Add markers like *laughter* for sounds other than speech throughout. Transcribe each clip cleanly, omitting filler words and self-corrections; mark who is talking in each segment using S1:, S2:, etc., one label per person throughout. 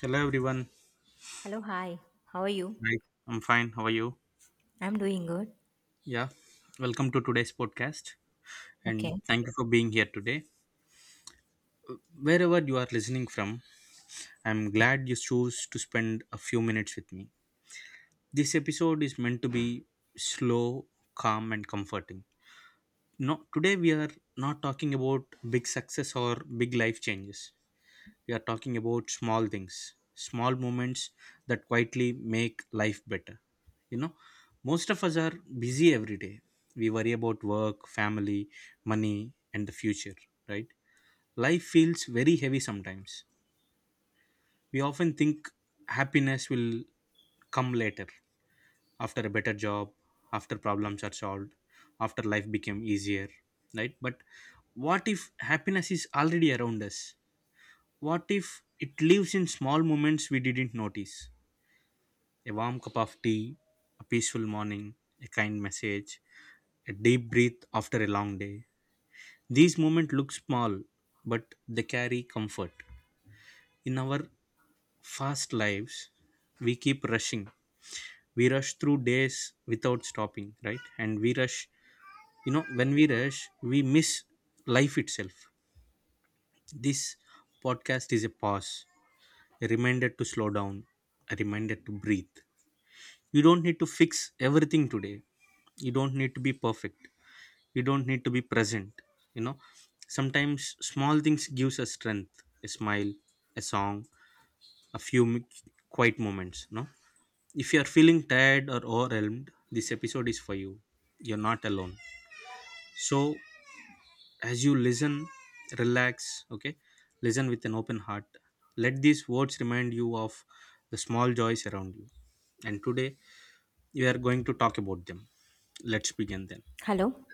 S1: Hello everyone.
S2: Hello, hi. How are you?
S1: Hi, I'm fine. How are you?
S2: I'm doing good.
S1: Yeah. Welcome to today's podcast
S2: Okay.
S1: and thank you for being here today. Wherever you are listening from, I'm glad you chose to spend a few minutes with me. This episode is meant to be slow, calm and comforting. No, today we are not talking about big success or big life changes. We are talking about small things, small moments that quietly make life better. You know, most of us are busy every day. We worry about work, family, money, and the future, right? Life feels very heavy sometimes. We often think happiness will come later, after a better job, after problems are solved, after life became easier, right? But what if happiness is already around us? What if it lives in small moments we didn't notice? A warm cup of tea, a peaceful morning, a kind message, a deep breath after a long day. These moments look small, but they carry comfort. In our fast lives, we keep rushing. We rush through days without stopping, right? And we rush, when we rush, we miss life itself. This podcast is a pause, a reminder to slow down, a reminder to breathe. You don't need to fix everything today, you don't need to be perfect, you don't need to be present. You know, sometimes small things gives us strength, a smile, a song, a few mi- quiet moments. No, if you are feeling tired or overwhelmed, this episode is for you. You're not alone. So as you listen, relax. Okay, listen with an open heart, let these words remind you of the small joys around you, and today we are going to talk about them. Let's begin then.
S2: Hello.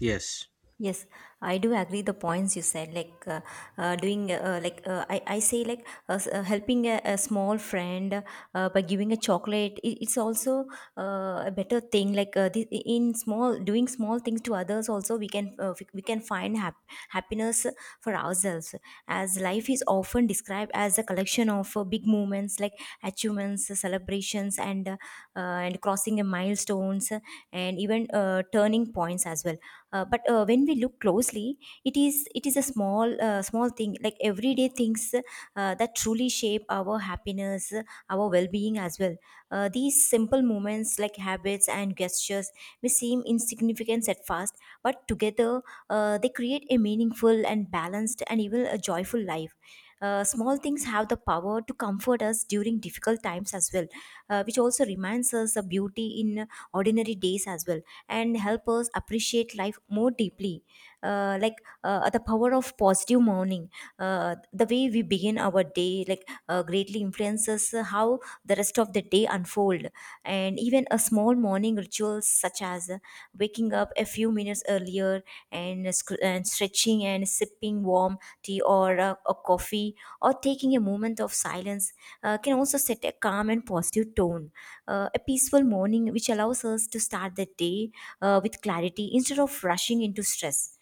S1: Yes,
S2: Yes, I do agree the points you said. Like I, I say, helping a small friend by giving a chocolate. It's also a better thing. Like, in small, doing small things to others, also we can we can find happiness for ourselves. As life is often described as a collection of big moments, like achievements, celebrations, and and crossing a milestones, and even turning points as well, but when we look closely it is a small thing, like everyday things that truly shape our happiness, our well-being as well. These simple moments like habits and gestures may seem insignificant at first, but together they create a meaningful and balanced and even a joyful life. Small things have the power to comfort us during difficult times as well, which also reminds us of beauty in ordinary days as well, and help us appreciate life more deeply. Uh, like the power of positive morning, the way we begin our day, greatly influences how the rest of the day unfold. And even a small morning rituals such as waking up a few minutes earlier, and stretching and sipping warm tea or a coffee, or taking a moment of silence, can also set a calm and positive tone. A peaceful morning which allows us to start the day with clarity instead of rushing into stress.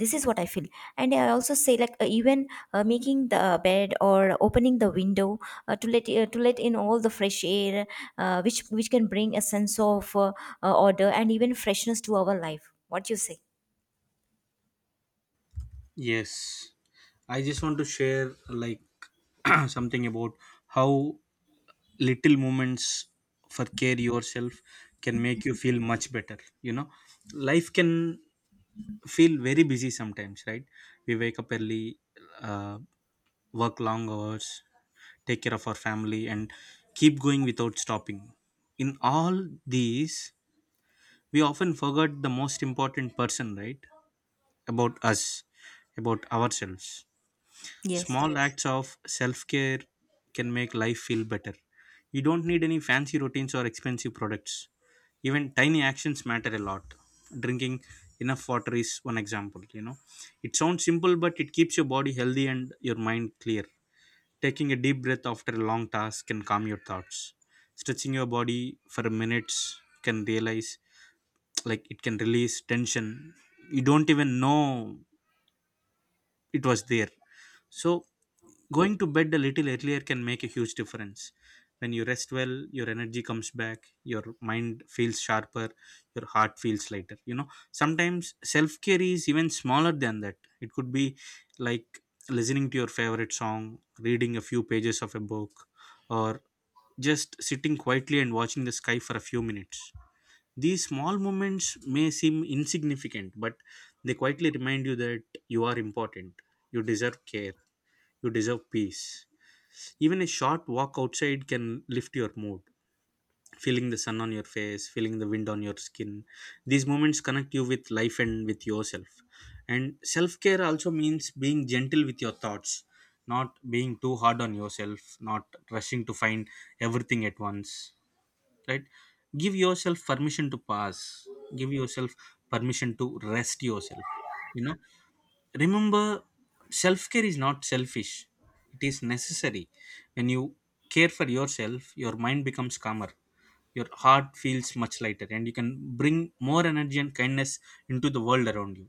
S2: This is what I feel. And I also say, even making the bed or opening the window to let in all the fresh air, which can bring a sense of order and even freshness to our life. What you say?
S1: yes, I just want to share like *clears throat* something about how little moments for care yourself can make you feel much better. You know, life can feel very busy sometimes, right? We wake up early, uh, work long hours, take care of our family and keep going without stopping. In all these, we often forget the most important person, right? About us, about ourselves.
S2: Yes,
S1: Small yes, acts of self care can make life feel better. You don't need any fancy routines or expensive products. Even tiny actions matter a lot. Drinking enough water is one example, you know. It sounds simple, but it keeps your body healthy and your mind clear. Taking a deep breath after a long task can calm your thoughts. Stretching your body for minutes can realize, like, it can release tension you don't even know it was there. So going to bed a little earlier can make a huge difference. When you rest well, your energy comes back, your mind feels sharper, your heart feels lighter. You know, sometimes self care is even smaller than that. It could be like listening to your favorite song, reading a few pages of a book, or just sitting quietly and watching the sky for a few minutes. These small moments may seem insignificant, but they quietly remind you that you are important, you deserve care, you deserve peace. Even a short walk outside can lift your mood, feeling the sun on your face, feeling the wind on your skin. These moments connect you with life and with yourself. And self care also means being gentle with your thoughts, not being too hard on yourself, not rushing to find everything at once, right? Give yourself permission to pass, give yourself permission to rest yourself. You know, remember, self care is not selfish, it is necessary. When you care for yourself, your mind becomes calmer, your heart feels much lighter, and you can bring more energy and kindness into the world around you.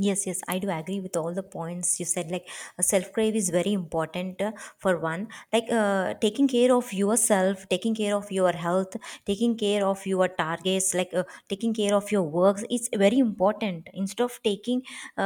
S2: yes, yes, I do agree with all the points you said. Like self crave is very important for one. Like taking care of yourself, taking care of your health, taking care of your targets, taking care of your works. It's very important. Instead of taking, uh,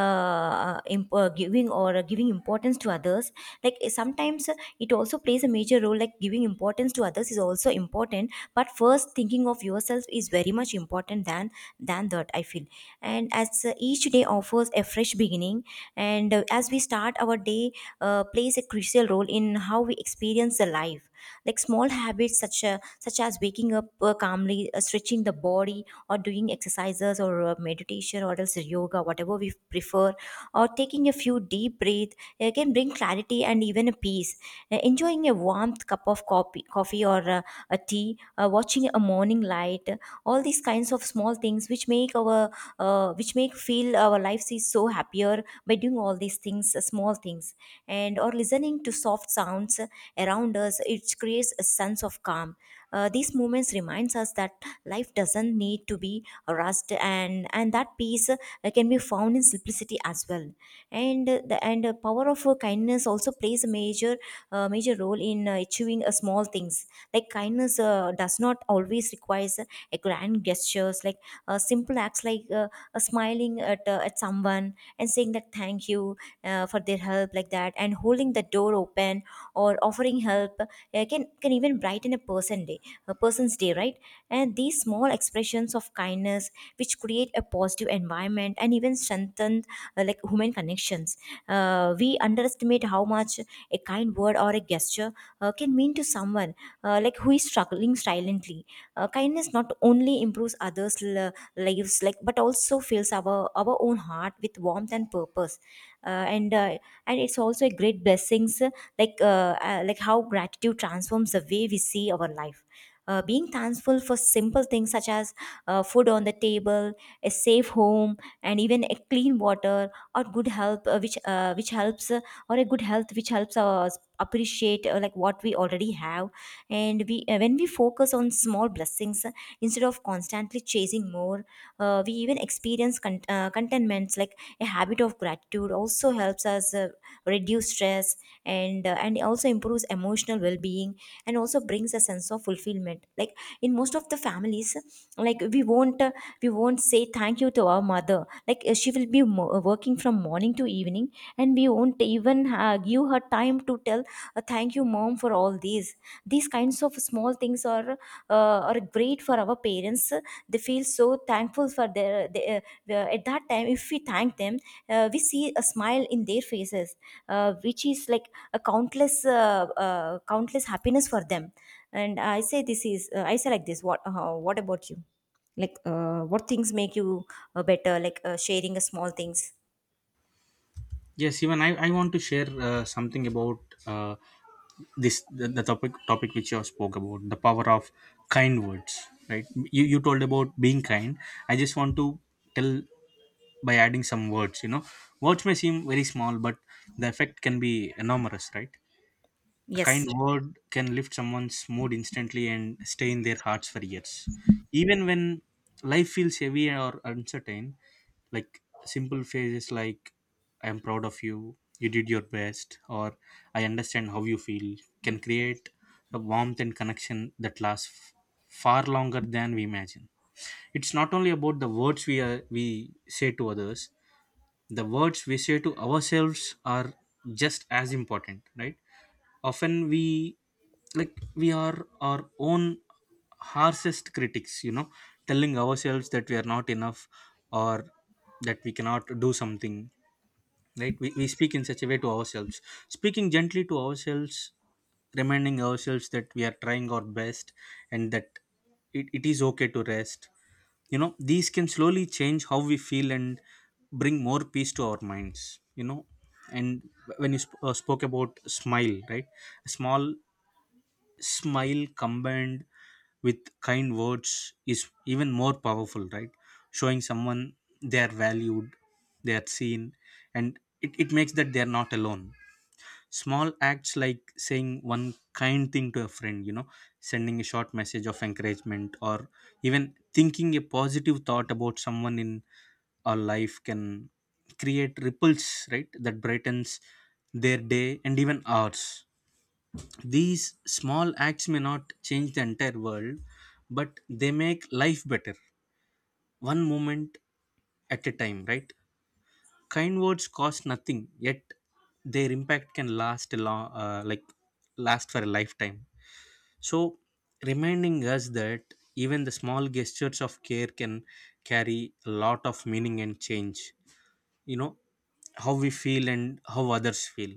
S2: uh, imp- uh, giving or giving importance to others, like sometimes it also plays a major role. Like giving importance to others is also important, but first thinking of yourself is very much important than that, I feel. And as each day offers a fresh beginning, and as we start our day, plays a crucial role in how we experience the life. Like small habits such as waking up calmly, stretching the body or doing exercises, or meditation or else yoga, whatever we prefer, or taking a few deep breaths, can bring clarity and even a peace. Enjoying a warmth cup of coffee or a tea, watching a morning light, all these kinds of small things which make our which make feel our lives is so happier by doing all these things, small things, and or listening to soft sounds around us. It creates a sense of calm. These moments reminds us that life doesn't need to be rushed, and that peace can be found in simplicity as well. And the power of kindness also plays a major role in achieving small things. Like kindness does not always requires a grand gestures. Like simple acts like smiling at someone and saying that thank you for their help, like that, and holding the door open or offering help, can even brighten a person day, a person's day, right? And these small expressions of kindness which create a positive environment and even strengthen like human connections. We underestimate how much a kind word or a gesture can mean to someone like who is struggling silently. Kindness not only improves others' lives, like, but also fills our own heart with warmth and purpose. Uh, and uh, and it's also a great blessings, like how gratitude transforms the way we see our life. Being thankful for simple things such as food on the table, a safe home, and even a clean water or good help, which helps or a good health, which helps us appreciate like what we already have. And we When we focus on small blessings, instead of constantly chasing more, we even experience contentments. Like a habit of gratitude also helps us reduce stress, and and it also improves emotional well-being, and also brings a sense of fulfillment. Like in most of the families, like we won't say thank you to our mother. She will be working from morning to evening, and we won't even give her time to tell thank you mom for all these. These kinds of small things are great for our parents. They feel so thankful for their at that time. If we thank them, we see a smile in their faces, which is like a countless happiness for them. And I say this is I say like this. What what about you, like, what things make you better? Like sharing a small things.
S1: Yes, even I want to share something about uh, the topic which you spoke about, the power of kind words, right? You told about being kind. I just want to tell by adding some words. You know, words may seem very small, but the effect can be enormous, right? A kind
S2: Yes.
S1: word can lift someone's mood instantly and stay in their hearts for years. Even when life feels heavy or uncertain, like simple phrases like "I am proud of you," "You did your best," or "I understand how you feel" can create a warmth and connection that lasts far longer than we imagine. It's not only about the words we say to others, the words we say to ourselves are just as important, right? Often we, like, we are our own harshest critics, you know, telling ourselves that we are not enough or that we cannot do something. Right, we speak in such a way to ourselves. Speaking gently to ourselves, reminding ourselves that we are trying our best and that it is okay to rest, you know, these can slowly change how we feel and bring more peace to our minds. You know, and when you spoke about smile, right? A small smile combined with kind words is even more powerful, right? Showing someone they are valued, they are seen, and it makes that they are not alone. Small acts like saying one kind thing to a friend, you know, sending a short message of encouragement or even thinking a positive thought about someone in our life can create ripples, right, that brightens their day and even ours. These small acts may not change the entire world, but they make life better one moment at a time, right? Kind words cost nothing, yet their impact can last a long like last for a lifetime, so reminding us that even the small gestures of care can carry a lot of meaning and change, you know, how we feel and how others feel.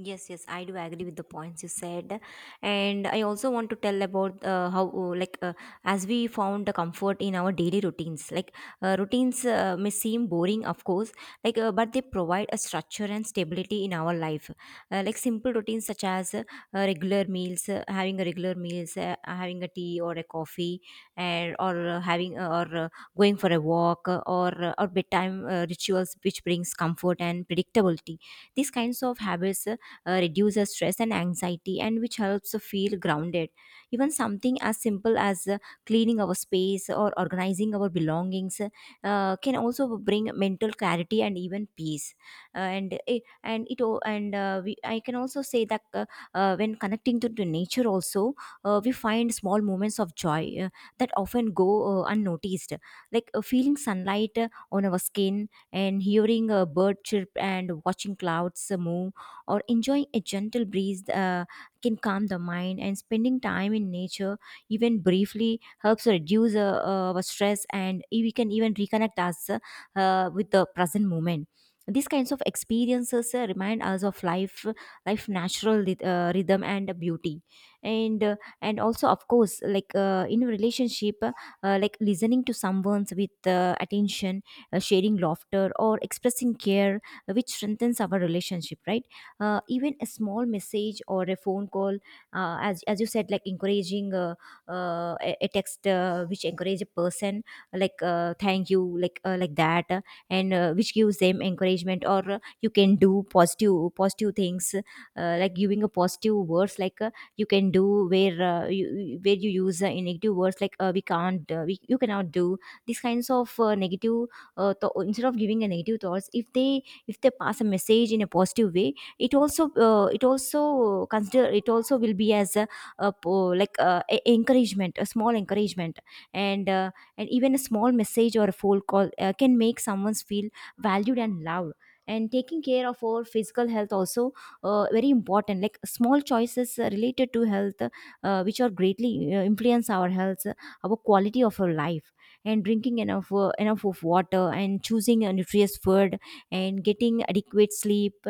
S2: Yes, yes, I do agree with the points you said, and I also want to tell about how, as we found the comfort in our daily routines. Like routines may seem boring, of course, but they provide a structure and stability in our life. Like simple routines such as regular meals, having a regular meals, having a tea or a coffee, and or having or going for a walk, or or bedtime rituals, which brings comfort and predictability. These kinds of habits. Reduces stress and anxiety and which helps to feel grounded. Even something as simple as cleaning our space or organizing our belongings can also bring mental clarity and even peace. And it al- and we, I can also say that when connecting to nature also, we find small moments of joy that often go unnoticed. Like feeling sunlight on our skin, and hearing a bird chirp and watching clouds move or enjoying a gentle breeze, can calm the mind. And spending time in nature even briefly helps reduce our stress, and we can even reconnect us with the present moment. These kinds of experiences remind us of life, life natural rhythm and beauty. And and also of course, in a relationship, like listening to someone's with attention, sharing laughter or expressing care, which strengthens our relationship, right? Even a small message or a phone call, as you said, like encouraging a text which encourage a person, like thank you, like that, and which gives them encouragement, or you can do, positive things. Uh, like giving a positive words, like you can do, where where you use negative words, like we can't we, you cannot do, these kinds of negative instead of giving a negative thoughts, if they pass a message in a positive way, it also consider, it also will be as a, a encouragement, a small encouragement. And and even a small message or a phone call can make someone feel valued and loved. And taking care of our physical health also very important. Like small choices related to health, which are greatly influence our health, our quality of our life. And drinking enough of water, and choosing a nutritious food, and getting adequate sleep,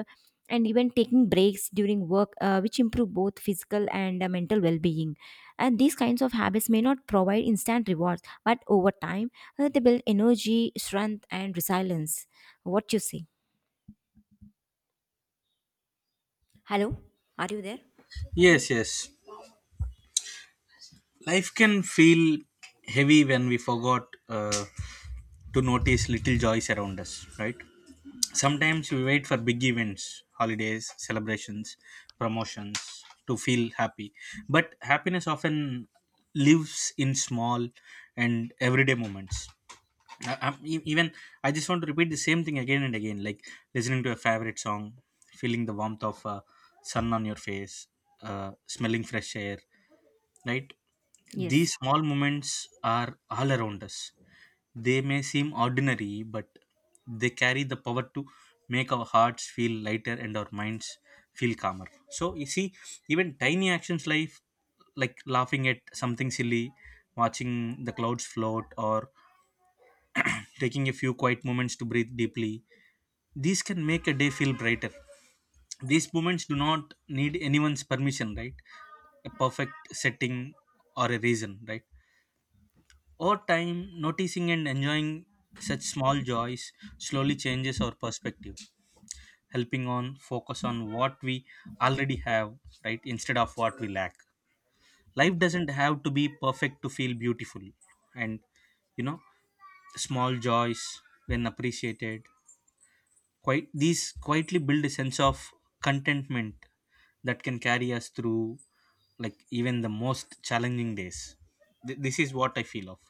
S2: and even taking breaks during work, which improve both physical and mental well-being. And these kinds of habits may not provide instant rewards, but over time they build energy, strength and resilience. What you say? Hello, are you there?
S1: Yes, yes, life can feel heavy when we forgot to notice little joys around us, right? Sometimes we wait for big events, holidays, celebrations, promotions to feel happy, but happiness often lives in small and everyday moments. Even I just want to repeat the same thing again and again, like listening to a favorite song, feeling the warmth of sun on your face, smelling fresh air, right?
S2: Yes.
S1: These small moments are all around us. They may seem ordinary, but they carry the power to make our hearts feel lighter and our minds feel calmer. So you see, even tiny actions like laughing at something silly, watching the clouds float, or taking a few quiet moments to breathe deeply. These can make a day feel brighter. These moments do not need anyone's permission, right? A perfect setting or a reason, right? Over time, noticing and enjoying such small joys slowly changes our perspective, helping on focus on what we already have, right, instead of what we lack. Life doesn't have to be perfect to feel beautiful, and, you know, small joys, when appreciated, quite these quietly build a sense of contentment that can carry us through like even the most challenging days. This is what I feel of.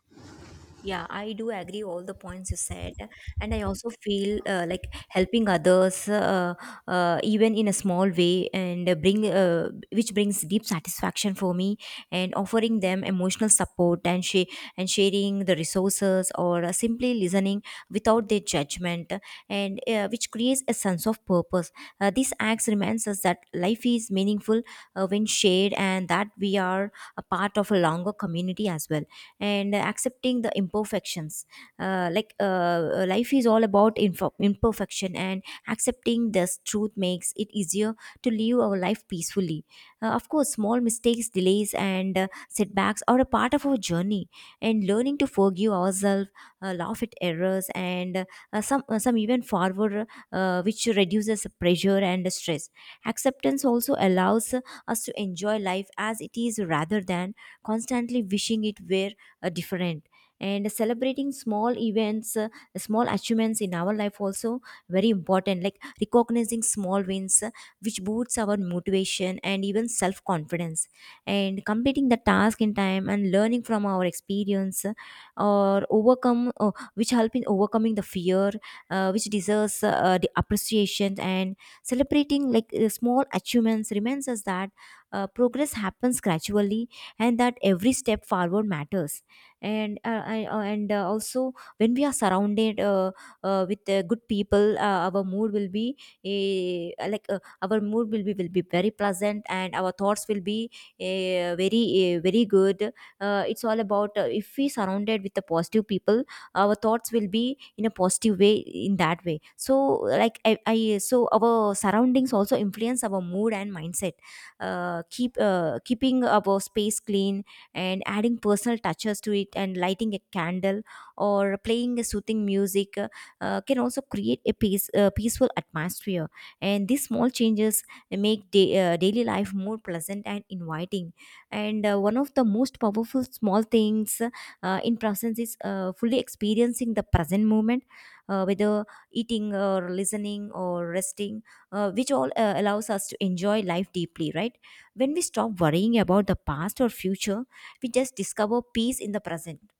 S2: Yeah, I do agree all the points you said, and I also feel like helping others, even in a small way, and bring which brings deep satisfaction for me, and offering them emotional support and sharing the resources, or simply Listening without their judgment, and which creates a sense of purpose. These acts reminds us that life is meaningful when shared, and that we are a part of a longer community as well, and accepting the imperfections, uh, like uh, life is all about imperfection, and accepting this truth makes it easier to live our life peacefully. Uh, of course small mistakes delays and setbacks are a part of our journey, and learning to forgive ourselves, laugh at errors and some even forward, which reduces pressure and stress. Acceptance also allows us to enjoy life as it is rather than constantly wishing it were different. And celebrating small events, small achievements in our life also very important, like recognizing small wins, which boosts our motivation and even self confidence, and completing the task in time and learning from our experience, or overcome which help in overcoming the fear, which deserves the appreciation. And celebrating like small achievements reminds us that progress happens gradually and that every step forward matters. And also when we are surrounded with good people, our mood will be our mood will be very pleasant and our thoughts will be very good. It's all about if we surrounded with the positive people, our thoughts will be in a positive way in that way. So like i, I so our surroundings also influence our mood and mindset. Keeping our space clean and adding personal touches to it, and lighting a candle or playing a soothing music, can also create a peaceful atmosphere. And these small changes make daily life more pleasant and inviting. And one of the most powerful small things in presence is fully experiencing the present moment, whether eating or listening or resting, which allows us to enjoy life deeply, right? When we stop worrying about the past or future, we just discover peace in the present.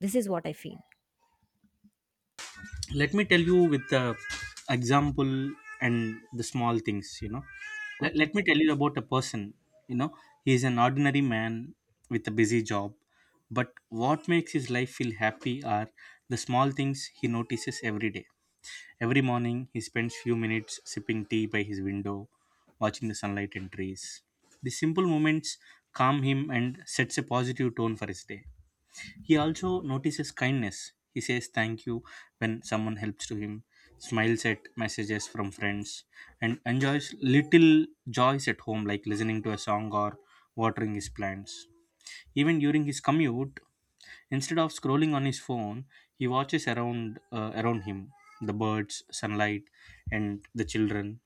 S2: This is what I feel.
S1: Let me tell you with the example and the small things, you know. let,
S2: Okay.
S1: let me tell you about a person. You know, he is an ordinary man with a busy job, but what makes his life feel happy are the small things he notices every day. Every morning, he spends few minutes sipping tea by his window, watching the sunlight and trees. These simple moments calm him and sets a positive tone for his day. He also notices kindness. He says thank you when someone helps to him, smiles at messages from friends, and enjoys little joys at home like listening to a song or watering his plants. Even during his commute, instead of scrolling on his phone, he watches around him, the birds, sunlight, and the children.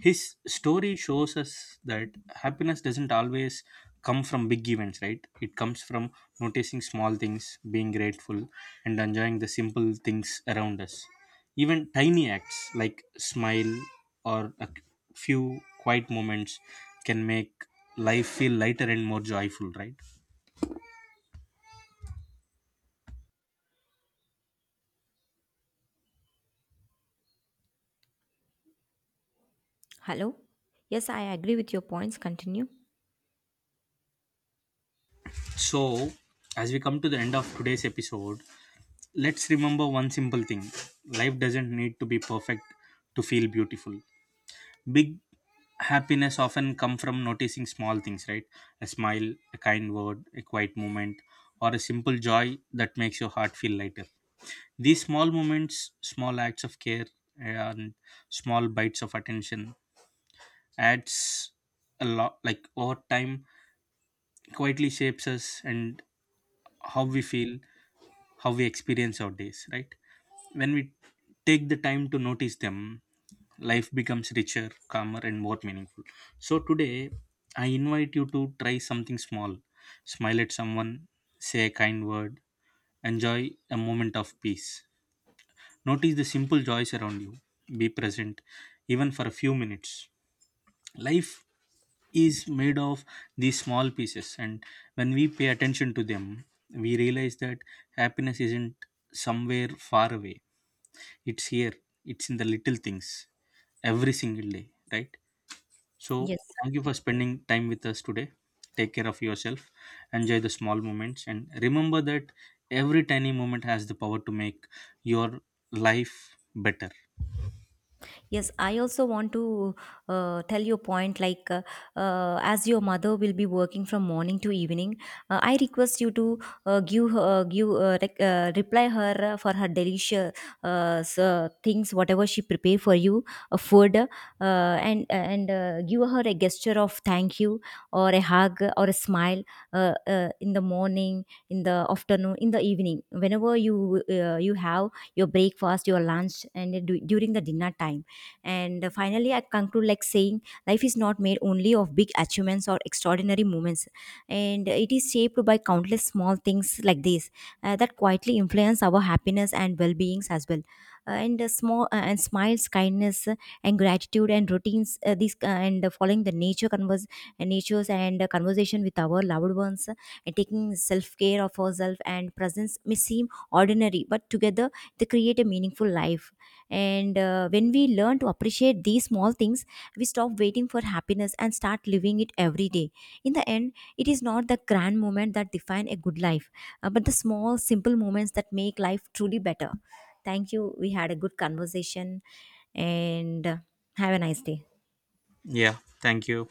S1: His story shows us that happiness doesn't always come from big events, right? It comes from noticing small things, being grateful, and enjoying the simple things around us. Even tiny acts like smile or a few quiet moments can make life feel lighter and more joyful, right?
S2: Hello? Yes, I agree with your points. Continue.
S1: So, as we come to the end of today's episode, let's remember one simple thing. Life doesn't need to be perfect to feel beautiful. Big happiness often come from noticing small things, right? A smile, a kind word, a quiet moment, or a simple joy that makes your heart feel lighter. These small moments, small acts of care, and small bites of attention adds a lot, like over time quietly shapes us and how we feel, how we experience our days, right? When we take the time to notice them, life becomes richer, calmer and more meaningful. So today I invite you to try something small. Smile at someone, say a kind word, enjoy a moment of peace, notice the simple joys around you, be present, even for a few minutes. Life is made of these small pieces, and when we pay attention to them, we realize that happiness isn't somewhere far away, it's here, it's in the little things every single day, right? So
S2: Yes.
S1: thank you for spending time with us today. Take care of yourself, enjoy the small moments and remember that every tiny moment has the power to make your life better.
S2: Yes, I also want to tell you a point like, as your mother will be working from morning to evening, I request you to give reply her for her delicious things, whatever she prepare for you, food, and give her a gesture of thank you or a hug or a smile, in the morning, in the afternoon, in the evening, whenever you you have your breakfast, your lunch, and during the dinner time. And finally I conclude like saying life is not made only of big achievements or extraordinary moments, and it is shaped by countless small things like this, that quietly influence our happiness and well-beings as well. And Small and smiles, kindness, and gratitude and routines, these and following the natures and conversation with our loved ones, and taking self-care of ourselves and presence may seem ordinary, but together they create a meaningful life. And when we learn to appreciate these small things, we stop waiting for happiness and start living it every day. In the end, it is not the grand moment that define a good life, but the small, simple moments that make life truly better. Thank you. We had a good conversation, and have a nice day.
S1: Yeah, thank you.